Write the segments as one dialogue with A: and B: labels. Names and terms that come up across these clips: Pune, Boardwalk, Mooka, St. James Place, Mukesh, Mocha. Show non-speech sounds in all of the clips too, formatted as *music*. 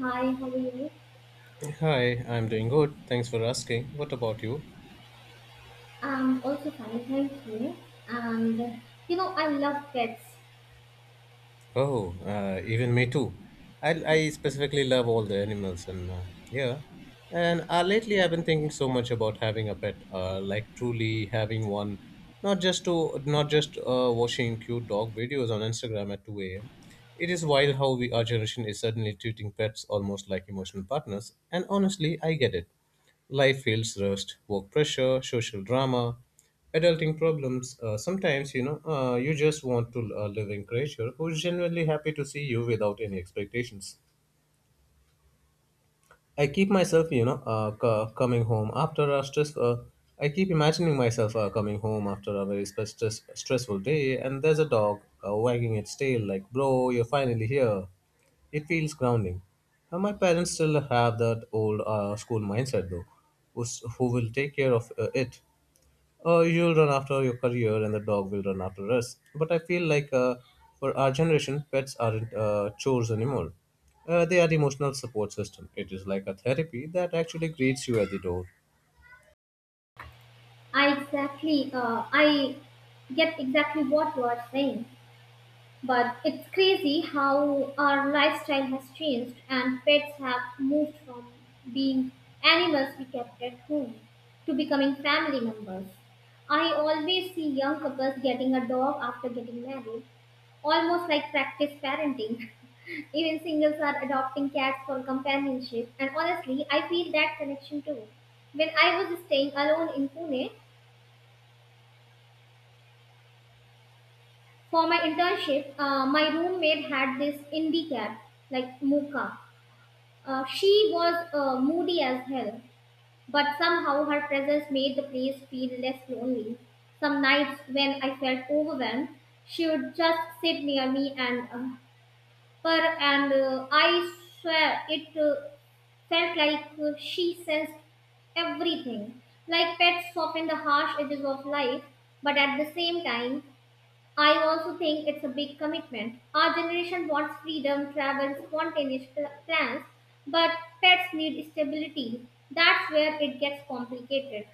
A: Hi, how are you?
B: Hi, I'm doing good. Thanks for asking. What about you?
A: I'm also fine, thank you. And I love pets.
B: Oh, even me too. I specifically love all the animals and yeah. And Lately I've been thinking so much about having a pet, like truly having one, not just watching cute dog videos on Instagram at 2 a.m. It is wild how we our generation is suddenly treating pets almost like emotional partners, and honestly, I get it. Life feels rushed, work pressure, social drama, adulting problems. Sometimes, you just want to live in creature who's genuinely happy to see you without any expectations. I keep myself, you know, c- coming home after a stress. I keep imagining myself coming home after a very stressful day, and there's a dog wagging its tail, like, bro, you're finally here. It feels grounding. My parents still have that old school mindset, though. Who will take care of it? You'll run after your career and the dog will run after us. But I feel like for our generation, pets aren't chores anymore. They are the emotional support system. It is like a therapy that actually greets you at the door.
A: I get exactly what you are saying. But it's crazy how our lifestyle has changed, and pets have moved from being animals we kept at home to becoming family members. I always see young couples getting a dog after getting married, almost like practice parenting. *laughs* Even singles are adopting cats for companionship, and honestly, I feel that connection too. When I was staying alone in Pune for my internship, my roommate had this indie cat, like Mooka. She was moody as hell, but somehow her presence made the place feel less lonely. Some nights when I felt overwhelmed, she would just sit near me and purr, and I swear it. Felt like she sensed everything. Like pets soften the harsh edges of life, but at the same time, I also think it's a big commitment. Our generation wants freedom, travel, spontaneous plans, but pets need stability. That's where it gets complicated.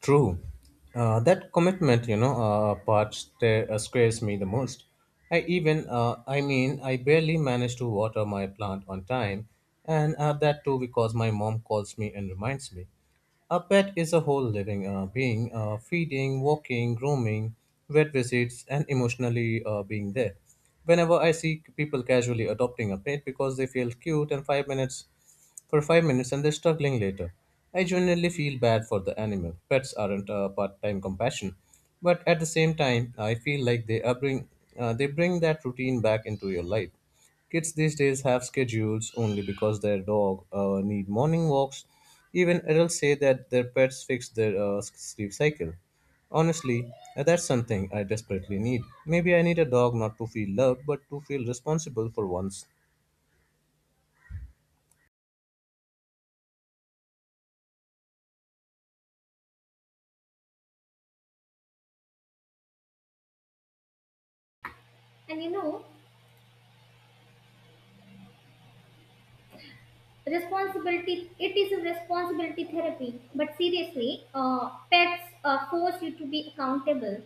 B: True. That commitment, scares me the most. I mean, I barely manage to water my plant on time, and that too because my mom calls me and reminds me. A pet is a whole living being, feeding, walking, grooming, vet visits, and emotionally being there. Whenever I see people casually adopting a pet because they feel cute, and five minutes for 5 minutes and they're struggling later. I genuinely feel bad for the animal. Pets aren't a part-time compassion, but at the same time, I feel like they bring that routine back into your life. Kids these days have schedules only because their dog need morning walks. Even adults say that their pets fix their sleep cycle. Honestly, that's something I desperately need. Maybe I need a dog not to feel loved, but to feel responsible for once.
A: And responsibility, it is a responsibility therapy. But seriously, pets force you to be accountable,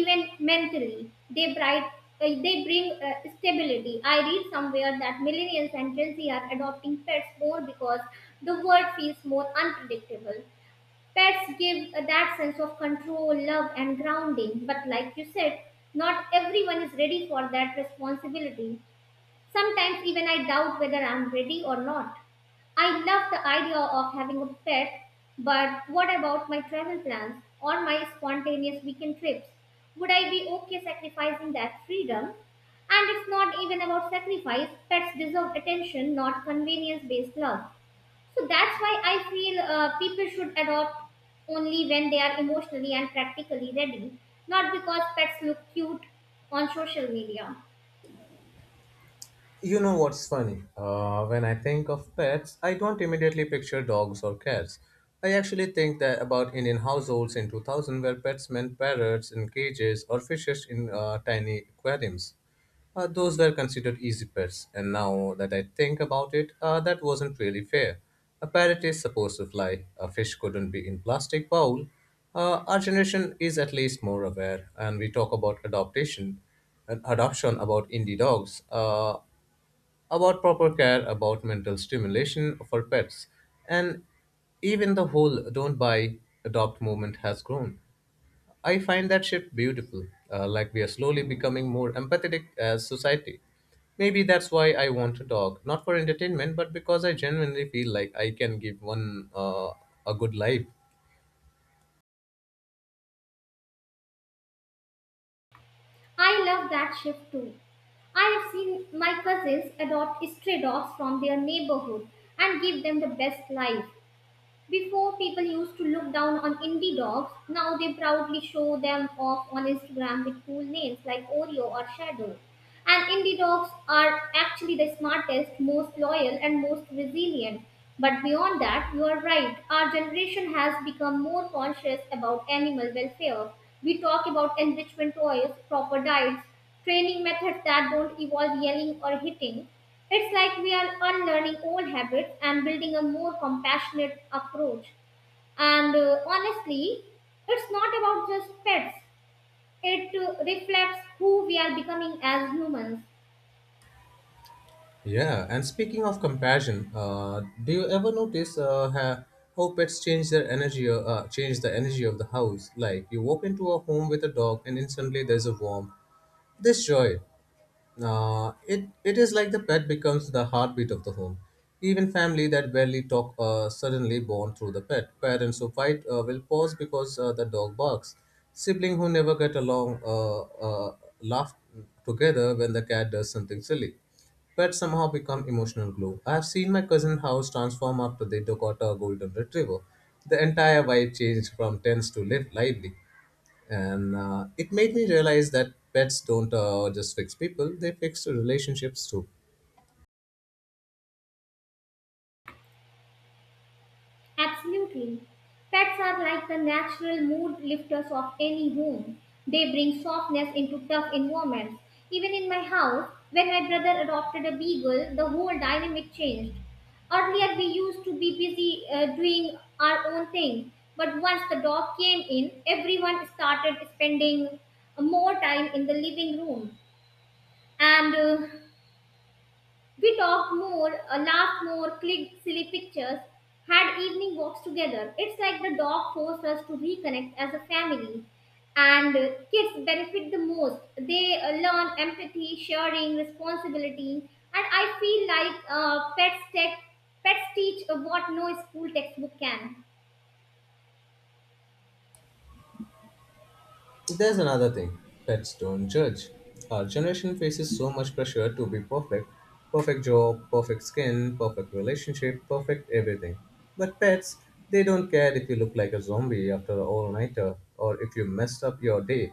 A: even mentally. They bring stability. I read somewhere that millennials and Gen Z are adopting pets more because the world feels more unpredictable. Pets give that sense of control, love, and grounding. But like you said, not everyone is ready for that responsibility. Sometimes even I doubt whether I'm ready or not. I love the idea of having a pet, but what about my travel plans or my spontaneous weekend trips? Would I be okay sacrificing that freedom? And it's not even about sacrifice, pets deserve attention, not convenience based love. So that's why I feel people should adopt only when they are emotionally and practically ready, not because pets look cute on social media.
B: You know what's funny? When I think of pets, I don't immediately picture dogs or cats. I actually think that about Indian households in 2000 where pets meant parrots in cages or fishes in tiny aquariums. Those were considered easy pets, and now that I think about it, that wasn't really fair. A parrot is supposed to fly, a fish couldn't be in plastic bowl. Our generation is at least more aware, and we talk about adoption, and adoption about indie dogs. About proper care, about mental stimulation for pets, and even the whole don't buy, adopt movement has grown. I find that shift beautiful, like we are slowly becoming more empathetic as society. Maybe that's why I want a dog, not for entertainment, but because I genuinely feel like I can give one a good life.
A: I love that shift too. I have seen my cousins adopt stray dogs from their neighborhood and give them the best life. Before, people used to look down on indie dogs; now they proudly show them off on Instagram with cool names like Oreo or Shadow. And indie dogs are actually the smartest, most loyal, and most resilient. But beyond that, you are right. Our generation has become more conscious about animal welfare. We talk about enrichment toys, proper diets, training methods that don't involve yelling or hitting. It's like we are unlearning old habits and building a more compassionate approach. And honestly, it's not about just pets, it reflects who we are becoming as humans.
B: Yeah, and speaking of compassion, do you ever notice how pets change their energy, change the energy of the house? Like you walk into a home with a dog, and instantly there's a warmth, this joy, it is like the pet becomes the heartbeat of the home. Even family that barely talk suddenly bond through the pet. Parents who fight will pause because the dog barks. Sibling who never get along laugh together when the cat does something silly. Pets somehow become emotional glue. I have seen my cousin house transform after they took out a golden retriever. The entire vibe changed from tense to lively, and it made me realize that pets don't just fix people, they fix the relationships too.
A: Absolutely. Pets are like the natural mood lifters of any home. They bring softness into tough environments. Even in my house, when my brother adopted a beagle, the whole dynamic changed. Earlier, we used to be busy doing our own thing, but once the dog came in, everyone started spending more time in the living room. And we talked more, laughed more, clicked silly pictures, had evening walks together. It's like the dog forced us to reconnect as a family. And kids benefit the most. They learn empathy, sharing, responsibility. And I feel like pets teach what no school textbook can.
B: There's another thing, pets don't judge. Our generation faces so much pressure to be perfect: perfect job, perfect skin, perfect relationship, perfect everything. But pets, they don't care if you look like a zombie after an all-nighter or if you messed up your day.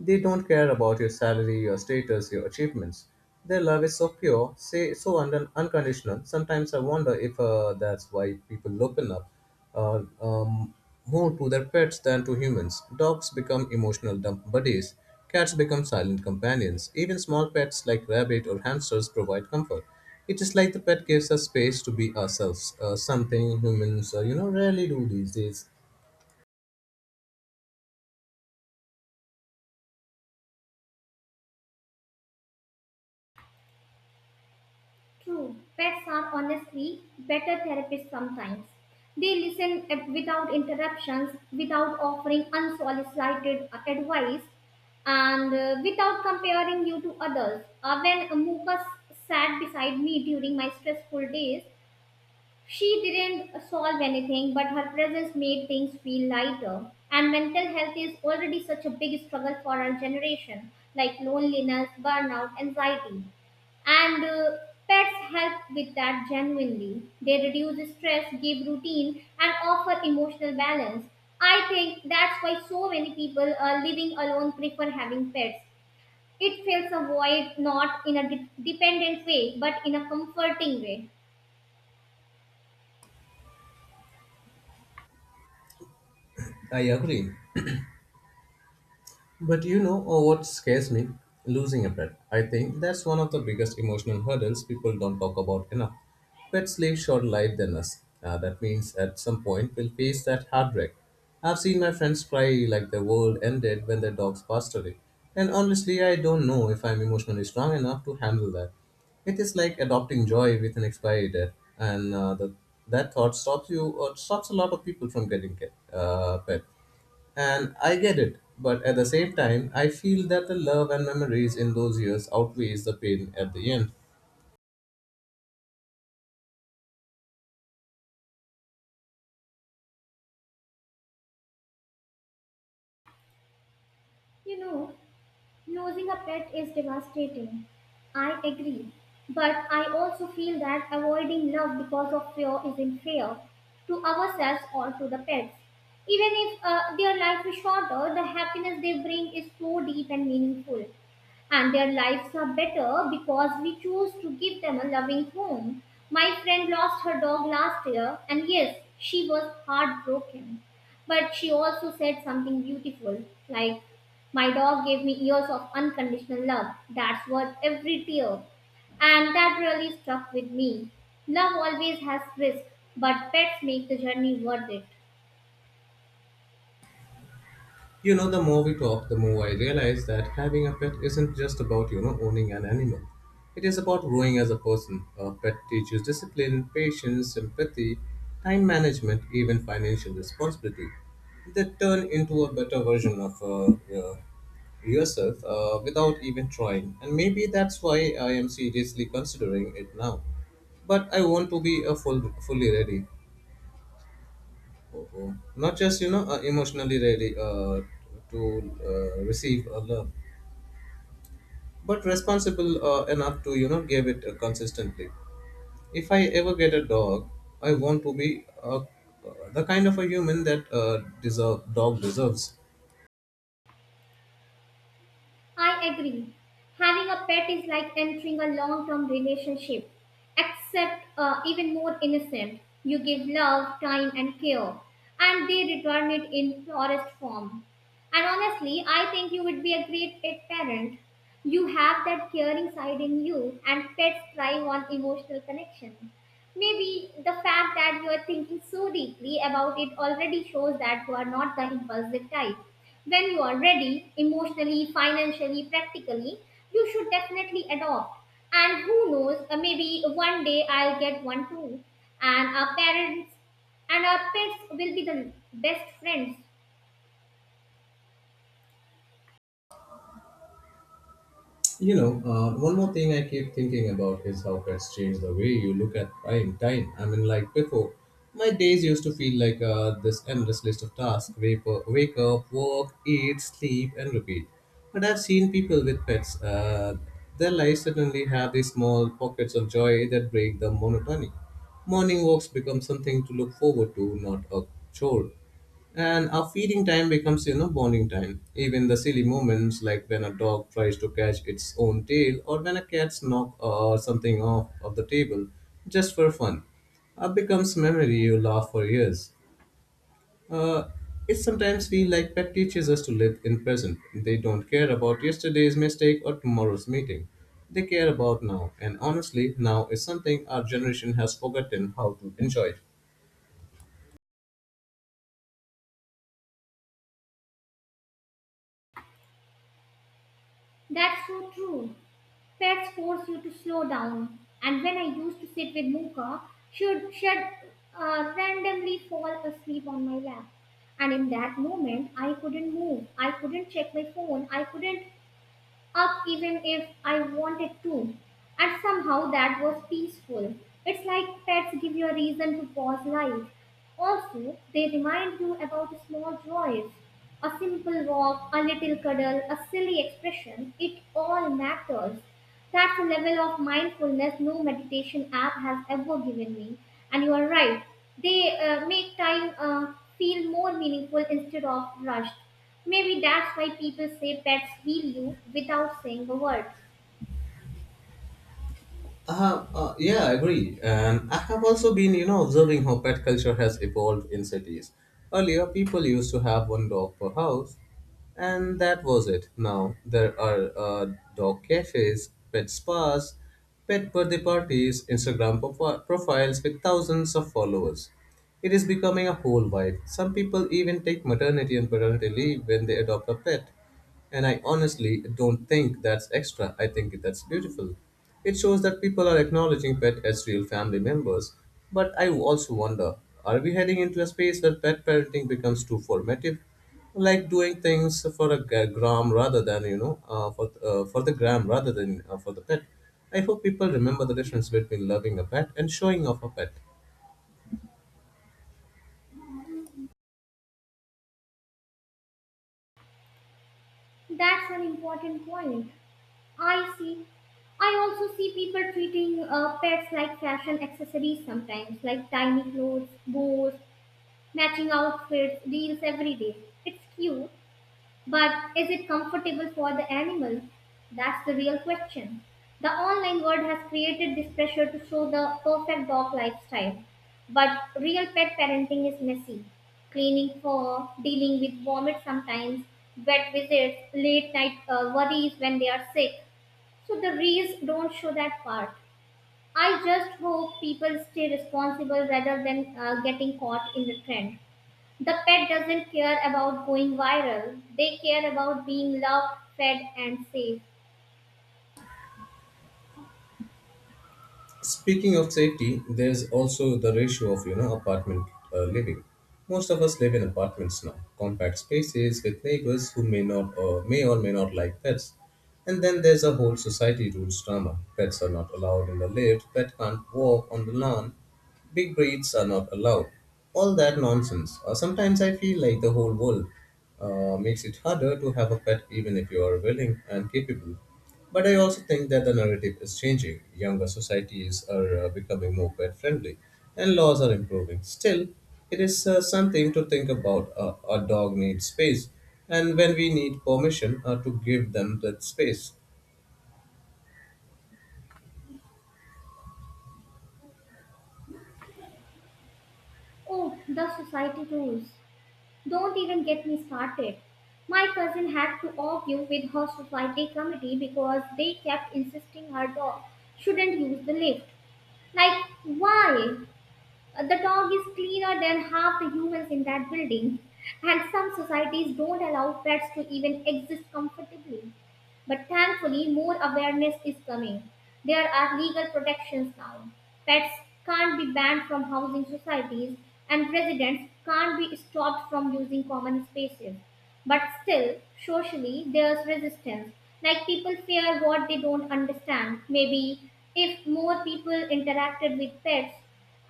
B: They don't care about your salary, your status, your achievements. Their love is so pure, say so unconditional. Sometimes I wonder if that's why people open up uh, um, more to their pets than to humans. Dogs become emotional dump buddies. Cats become silent companions. Even small pets like rabbit or hamsters provide comfort. It is like the pet gives us space to be ourselves, something humans, rarely do these days.
A: True, pets are honestly better therapists sometimes. They listen without interruptions, without offering unsolicited advice, and without comparing you to others. When Mukesh sat beside me during my stressful days, she didn't solve anything, but her presence made things feel lighter. And mental health is already such a big struggle for our generation, like loneliness, burnout, anxiety. And pets help with that genuinely. They reduce stress, give routine, and offer emotional balance. I think that's why so many people living alone prefer having pets. It fills a void, not in a dependent way, but in a comforting way.
B: I agree. But you know, oh, what scares me? Losing a pet. I think that's one of the biggest emotional hurdles people don't talk about enough. Pets live shorter life than us. That means at some point we'll face that heartbreak. I've seen my friends cry like the world ended when their dogs passed away. And honestly, I don't know if I'm emotionally strong enough to handle that. It is like adopting joy with an expiry date, and that thought stops you, or stops a lot of people from getting a pet. And I get it, but at the same time, I feel that the love and memories in those years outweighs the pain at the end.
A: You know, Losing a pet is devastating. I agree. But I also feel that avoiding love because of fear isn't fair to ourselves or to the pets. Even if their life is shorter, the happiness they bring is so deep and meaningful. And their lives are better because we choose to give them a loving home. My friend lost her dog last year, and yes, she was heartbroken. But she also said something beautiful like, "My dog gave me years of unconditional love. That's worth every tear." And that really stuck with me. Love always has risk, but pets make the journey worth it.
B: You know, the more we talk, the more I realize that having a pet isn't just about, you know, owning an animal. It is about growing as a person. A pet teaches discipline, patience, empathy, time management, even financial responsibility. They turn into a better version of yourself without even trying. And maybe that's why I am seriously considering it now. But I want to be fully ready. Mhm. Not just, you know, emotionally ready to receive a love, but responsible enough to, you know, give it consistently. If I ever get a dog, I want to be the kind of a human that deserve dog deserves.
A: I agree. Having a pet is like entering a long term relationship, except even more innocent. You give love, time, and care, and they return it in purest form. And honestly, I think you would be a great pet parent. You have that caring side in you, and pets thrive on emotional connection. Maybe the fact that you are thinking so deeply about it already shows that you are not the impulsive type. When you are ready, emotionally, financially, practically, you should definitely adopt. And who knows, maybe one day I'll get one too. And our parents and our pets will be the best friends.
B: You know, one more thing I keep thinking about is how pets change the way you look at time. Time. I mean, like before, my days used to feel like this endless list of tasks: wake up, work, eat, sleep, and repeat. But I've seen people with pets. Their lives suddenly have these small pockets of joy that break the monotony. Morning walks become something to look forward to, not a chore. And our feeding time becomes, you know, bonding time. Even the silly moments like when a dog tries to catch its own tail or when a cat's knock something off of the table just for fun. Becomes memory you laugh for years. Uh, it sometimes feel like pet teaches us to live in present. They don't care about yesterday's mistake or tomorrow's meeting. They care about now, and honestly, now is something our generation has forgotten how to enjoy.
A: That's so true. Pets force you to slow down. And when I used to sit with Mooka, she'd randomly fall asleep on my lap. And in that moment, I couldn't move. I couldn't check my phone. I couldn't up even if I wanted to. And somehow that was peaceful. It's like pets give you a reason to pause life. Also, they remind you about small joys. A simple walk, a little cuddle, a silly expression, it all matters. That's a level of mindfulness no meditation app has ever given me. And you are right, they make time feel more meaningful instead of rushed. Maybe that's why people say pets heal you without saying a word.
B: Yeah, I agree. And I have also been, you know, observing how pet culture has evolved in cities. Earlier, people used to have one dog per house, and that was it. Now there are dog cafes, pet spas, pet birthday parties, Instagram profiles with thousands of followers. It is becoming a whole vibe. Some people even take maternity and paternity leave when they adopt a pet. And I honestly don't think that's extra. I think that's beautiful. It shows that people are acknowledging pet as real family members. But I also wonder, are we heading into a space where pet parenting becomes too formative? Like doing things for a g- gram rather than, you know, for the gram rather than for the pet. I hope people remember the difference between loving a pet and showing off a pet.
A: That's an important point. I see. I also see people treating pets like fashion accessories sometimes, like tiny clothes, bows, matching outfits, deals every day. It's cute, but is it comfortable for the animal? That's the real question. The online world has created this pressure to show the perfect dog lifestyle. But real pet parenting is messy. Cleaning fur, dealing with vomit sometimes, vet visits, late night worries when they are sick. So the reels don't show that part. I just hope people stay responsible rather than getting caught in the trend. The pet doesn't care about going viral; they care about being loved, fed, and safe.
B: Speaking of safety, there's also the ratio of, you know, apartment living. Most of us live in apartments now, compact spaces with neighbors who may or may not like pets. And then there's a whole society rules drama. Pets are not allowed in the lift. Pet can't walk on the lawn. Big breeds are not allowed. All that nonsense. Sometimes I feel like the whole world makes it harder to have a pet even if you are willing and capable. But I also think that the narrative is changing. Younger societies are becoming more pet friendly and laws are improving. Still, it is something to think about. A dog needs space, and when we need permission to give them that space.
A: Oh, the society rules. Don't even get me started. My cousin had to argue with her society committee because they kept insisting her dog shouldn't use the lift. Like, why? The dog is cleaner than half the humans in that building, and some societies don't allow pets to even exist comfortably. But thankfully, more awareness is coming. There are legal protections now. Pets can't be banned from housing societies, and residents can't be stopped from using common spaces. But still, socially, there's resistance. Like, people fear what they don't understand. Maybe if more people interacted with pets,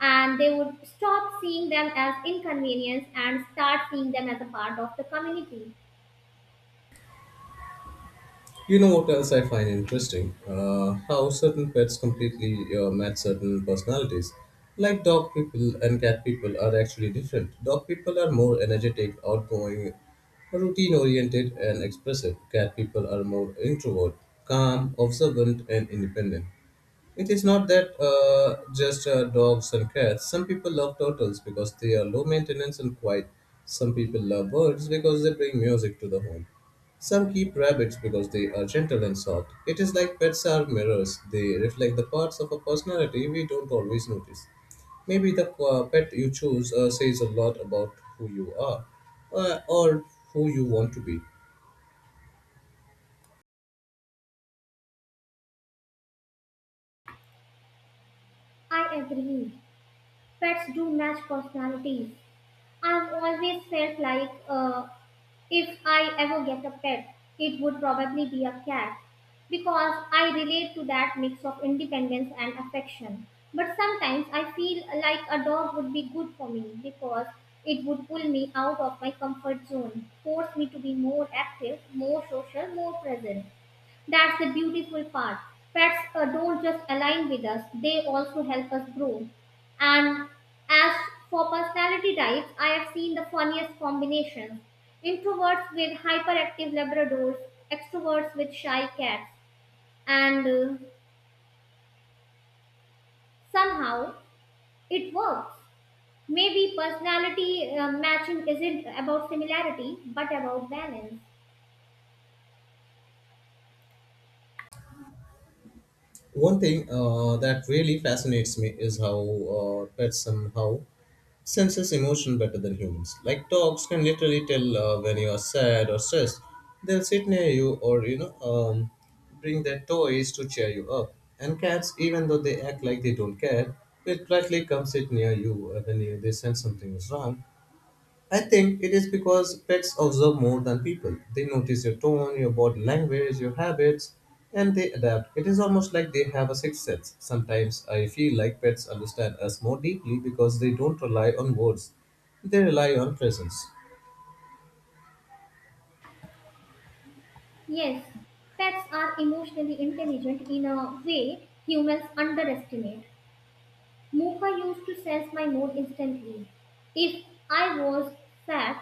A: and they would stop seeing them as inconvenience and start seeing them as a part of the community.
B: You know what else I find interesting? How certain pets completely match certain personalities. Like dog people and cat people are actually different. Dog people are more energetic, outgoing, routine oriented, and expressive. Cat people are more introvert, calm, observant, and independent. It is not that just dogs and cats. Some people love turtles because they are low maintenance and quiet. Some people love birds because they bring music to the home. Some keep rabbits because they are gentle and soft. It is like pets are mirrors, they reflect the parts of a personality we don't always notice. Maybe the pet you choose says a lot about who you are or who you want to be.
A: I agree. Pets do match personalities. I've always felt like if I ever get a pet, it would probably be a cat, because I relate to that mix of independence and affection. But sometimes I feel like a dog would be good for me, because it would pull me out of my comfort zone, force me to be more active, more social, more present. That's the beautiful part. Pets don't just align with us; they also help us grow. And as for personality types, I have seen the funniest combinations: introverts with hyperactive Labradors, extroverts with shy cats, and somehow it works. Maybe personality matching isn't about similarity but about balance.
B: One thing that really fascinates me is how pets somehow senses emotion better than humans. Like dogs can literally tell when you are sad or stressed. They'll sit near you or you know bring their toys to cheer you up. And cats, even though they act like they don't care, will politely come sit near you when they sense something is wrong. I think it is because pets observe more than people. They notice your tone, your body language, your habits, and they adapt. It is almost like they have a sixth sense. Sometimes I feel like pets understand us more deeply because they don't rely on words, they rely on presence.
A: Yes, pets are emotionally intelligent in a way humans underestimate. Mocha used to sense my mood instantly. If I was sad,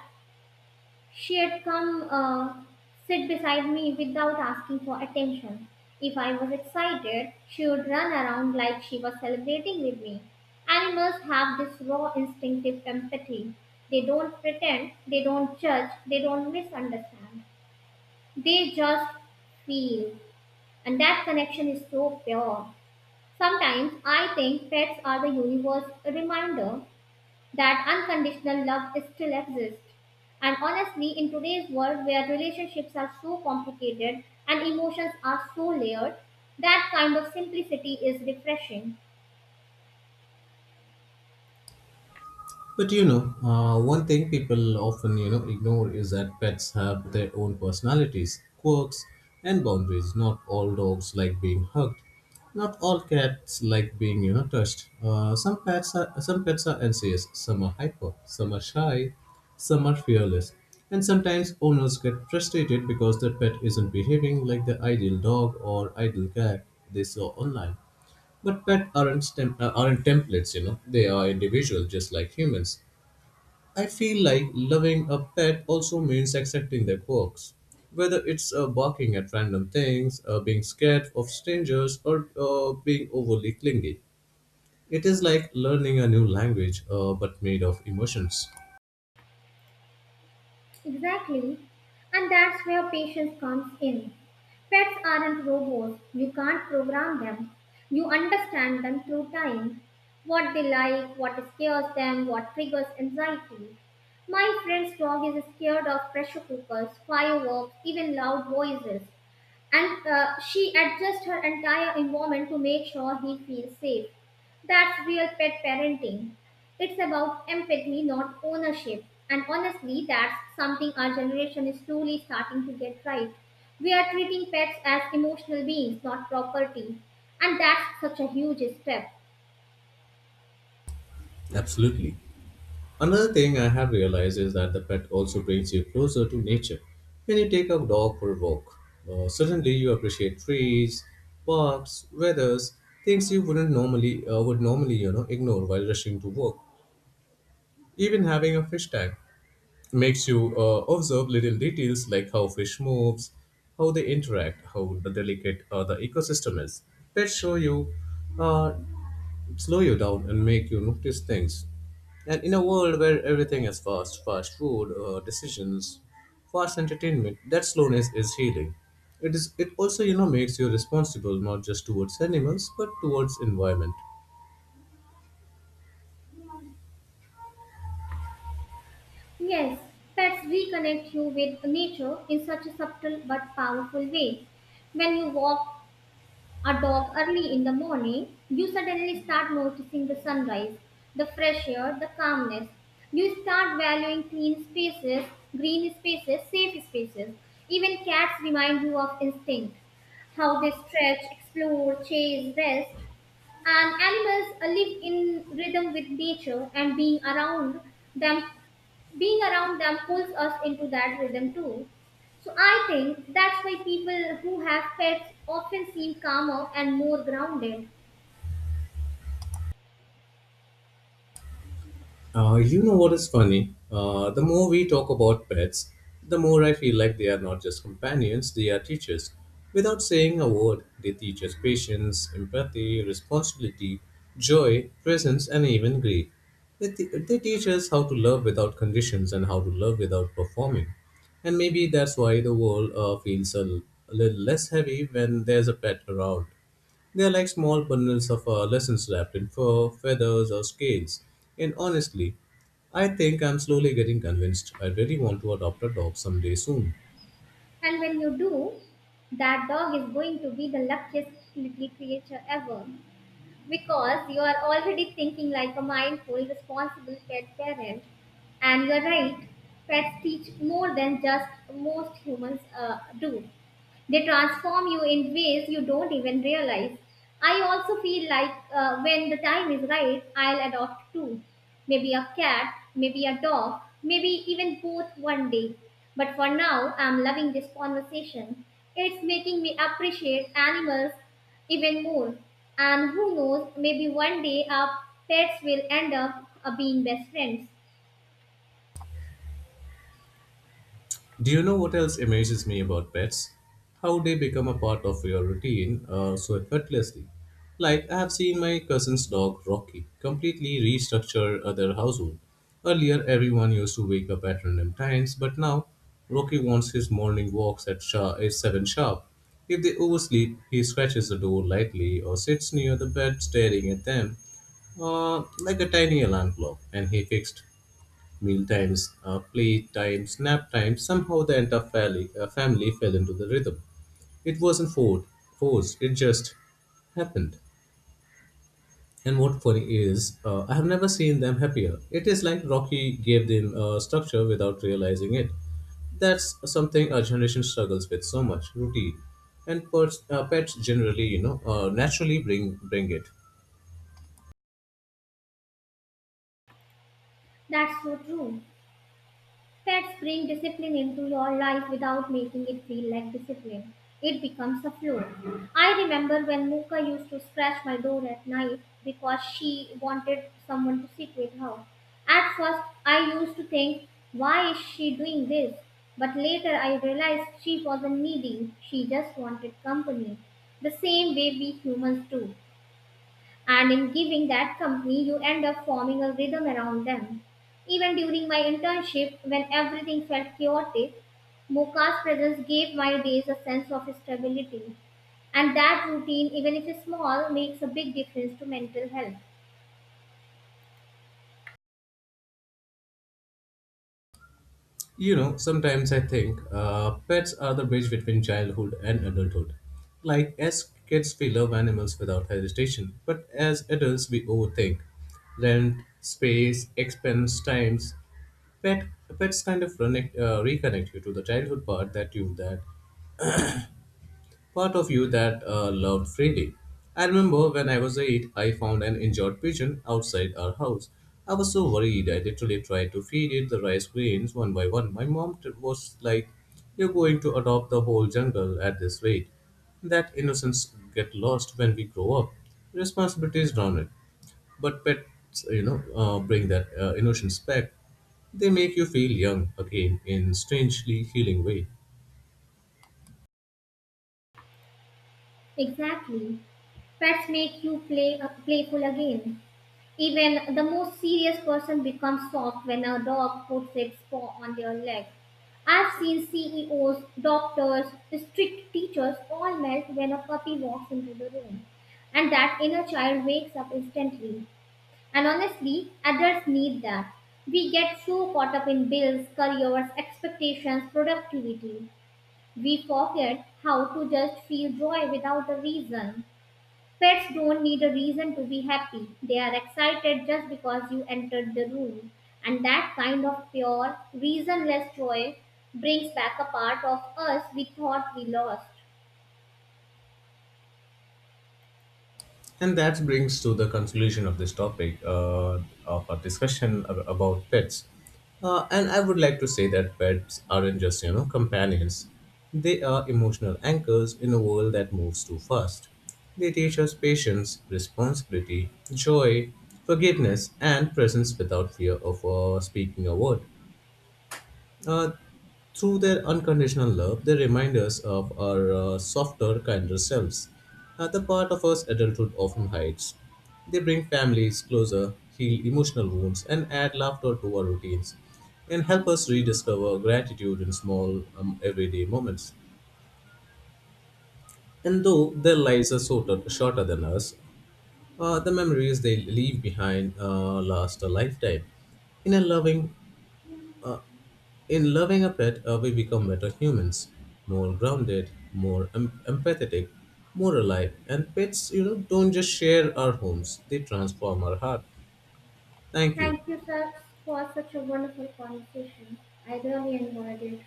A: she'd come sit beside me without asking for attention. If I was excited, she would run around like she was celebrating with me. Animals have this raw instinctive empathy. They don't pretend, they don't judge, they don't misunderstand. They just feel. And that connection is so pure. Sometimes I think pets are the universe's reminder that unconditional love still exists. And honestly, in today's world where relationships are so complicated and emotions are so layered, that kind of simplicity is refreshing.
B: But you know, one thing people often ignore is that pets have their own personalities, quirks, and boundaries. Not all dogs like being hugged. Not all cats like being touched. Some pets are anxious. Some are hyper. Some are shy. Some are fearless. And sometimes owners get frustrated because their pet isn't behaving like the ideal dog or ideal cat they saw online. But pets aren't templates, you know. They are individual, just like humans. I feel like loving a pet also means accepting their quirks, whether it's barking at random things, being scared of strangers, or being overly clingy. It is like learning a new language but made of emotions.
A: Exactly. And that's where patience comes in. Pets aren't robots. You can't program them. You understand them through time. What they like, what scares them, what triggers anxiety. My friend's dog is scared of pressure cookers, fireworks, even loud voices, and she adjusts her entire environment to make sure he feels safe. That's real pet parenting. It's about empathy, not ownership. And honestly, that's something our generation is slowly starting to get right. We are treating pets as emotional beings, not property. And that's such a huge step.
B: Absolutely. Another thing I have realized is that the pet also brings you closer to nature. When you take a dog for a walk, suddenly you appreciate trees, parks, weathers, things you wouldn't normally would normally ignore while rushing to work. Even having a fish tank makes you observe little details like how fish moves, how they interact, how the delicate the ecosystem is. Pets show you, uh, slow you down, and make you notice things. And in a world where everything is fast, fast food, decisions, fast entertainment, that slowness is healing. It is. It also, you know, makes you responsible not just towards animals but towards environment.
A: Yes, pets reconnect you with nature in such a subtle but powerful way. When you walk a dog early in the morning, you suddenly start noticing the sunrise, the fresh air, the calmness. You start valuing clean spaces, green spaces, safe spaces. Even cats remind you of instinct, how they stretch, explore, chase, rest. And animals live in rhythm with nature, and them being around them pulls us into that rhythm too. So I think that's why people who have pets often seem calmer and more grounded.
B: You know what is funny? The more we talk about pets, the more I feel like they are not just companions, they are teachers. Without saying a word, they teach us patience, empathy, responsibility, joy, presence, and even grief. They teach us how to love without conditions and how to love without performing. And maybe that's why the world feels a little less heavy when there's a pet around. They are like small bundles of lessons wrapped in fur, feathers, or scales. And honestly, I think I'm slowly getting convinced I really want to adopt a dog someday soon.
A: And when you do, that dog is going to be the luckiest little creature ever, because you are already thinking like a mindful, responsible pet parent. And you're right, pets teach more than just most humans do. They transform you in ways you don't even realize. I also feel like when the time is right, I'll adopt too. Maybe a cat, maybe a dog, maybe even both one day. But for now, I'm loving this conversation. It's making me appreciate animals even more. And who knows, maybe one day our pets will end up being best friends.
B: Do you know what else amazes me about pets? How they become a part of your routine so effortlessly. Like, I have seen my cousin's dog, Rocky, completely restructure their household. Earlier, everyone used to wake up at random times, but now Rocky wants his morning walks at 7 sharp. If they oversleep, he scratches the door lightly or sits near the bed staring at them like a tiny alarm clock, and he fixed meal times, play times, nap times. Somehow the entire family fell into the rhythm. It wasn't forced, it just happened. And what funny is, I have never seen them happier. It is like Rocky gave them a structure without realizing it. That's something our generation struggles with, so much routine. And pets, pets generally, you know, naturally bring it.
A: That's so true. Pets bring discipline into your life without making it feel like discipline. It becomes a flow. I remember when Mooka used to scratch my door at night because she wanted someone to sit with her. At first, I used to think, why is she doing this? But later, I realized she wasn't needy, she just wanted company. The same way we humans do. And in giving that company, you end up forming a rhythm around them. Even during my internship, when everything felt chaotic, Moka's presence gave my days a sense of stability. And that routine, even if small, makes a big difference to mental health.
B: You know, sometimes I think pets are the bridge between childhood and adulthood. Like, as kids, we love animals without hesitation, but as adults, we overthink. Rent, space, expense, times. Pet, pets kind of reconnect you to the childhood part that you that part of you that loved freely. I remember when I was 8, I found an injured pigeon outside our house. I was so worried, I literally tried to feed it the rice grains one by one. My mom was like, you're going to adopt the whole jungle at this rate. That innocence get lost when we grow up. Responsibilities drown it. But pets, you know, bring that innocence back. They make you feel young again in strangely healing way.
A: Exactly. Pets make you playful again. Even the most serious person becomes soft when a dog puts its paw on their leg. I've seen CEOs, doctors, strict teachers all melt when a puppy walks into the room. And that inner child wakes up instantly. And honestly, adults need that. We get so caught up in bills, careers, expectations, productivity. We forget how to just feel joy without a reason. Pets don't need a reason to be happy. They are excited just because you entered the room. And that kind of pure, reasonless joy brings back a part of us we thought we lost.
B: And that brings to the conclusion of this topic of our discussion about pets. And I would like to say that pets aren't just, you know, companions. They are emotional anchors in a world that moves too fast. They teach us patience, responsibility, joy, forgiveness, and presence without fear of speaking a word. Uh, through their unconditional love, they remind us of our softer, kinder selves, the part of us adulthood often hides. They bring families closer, heal emotional wounds, and add laughter to our routines, and help us rediscover gratitude in small, everyday moments. And though their lives are shorter than us, the memories they leave behind last a lifetime. In a loving, In loving a pet, we become better humans, more grounded, empathetic, more alive. And pets, you know, don't just share our homes, they transform our heart. Thank you.
A: Thank you, sir, for such a wonderful conversation. I really enjoyed it.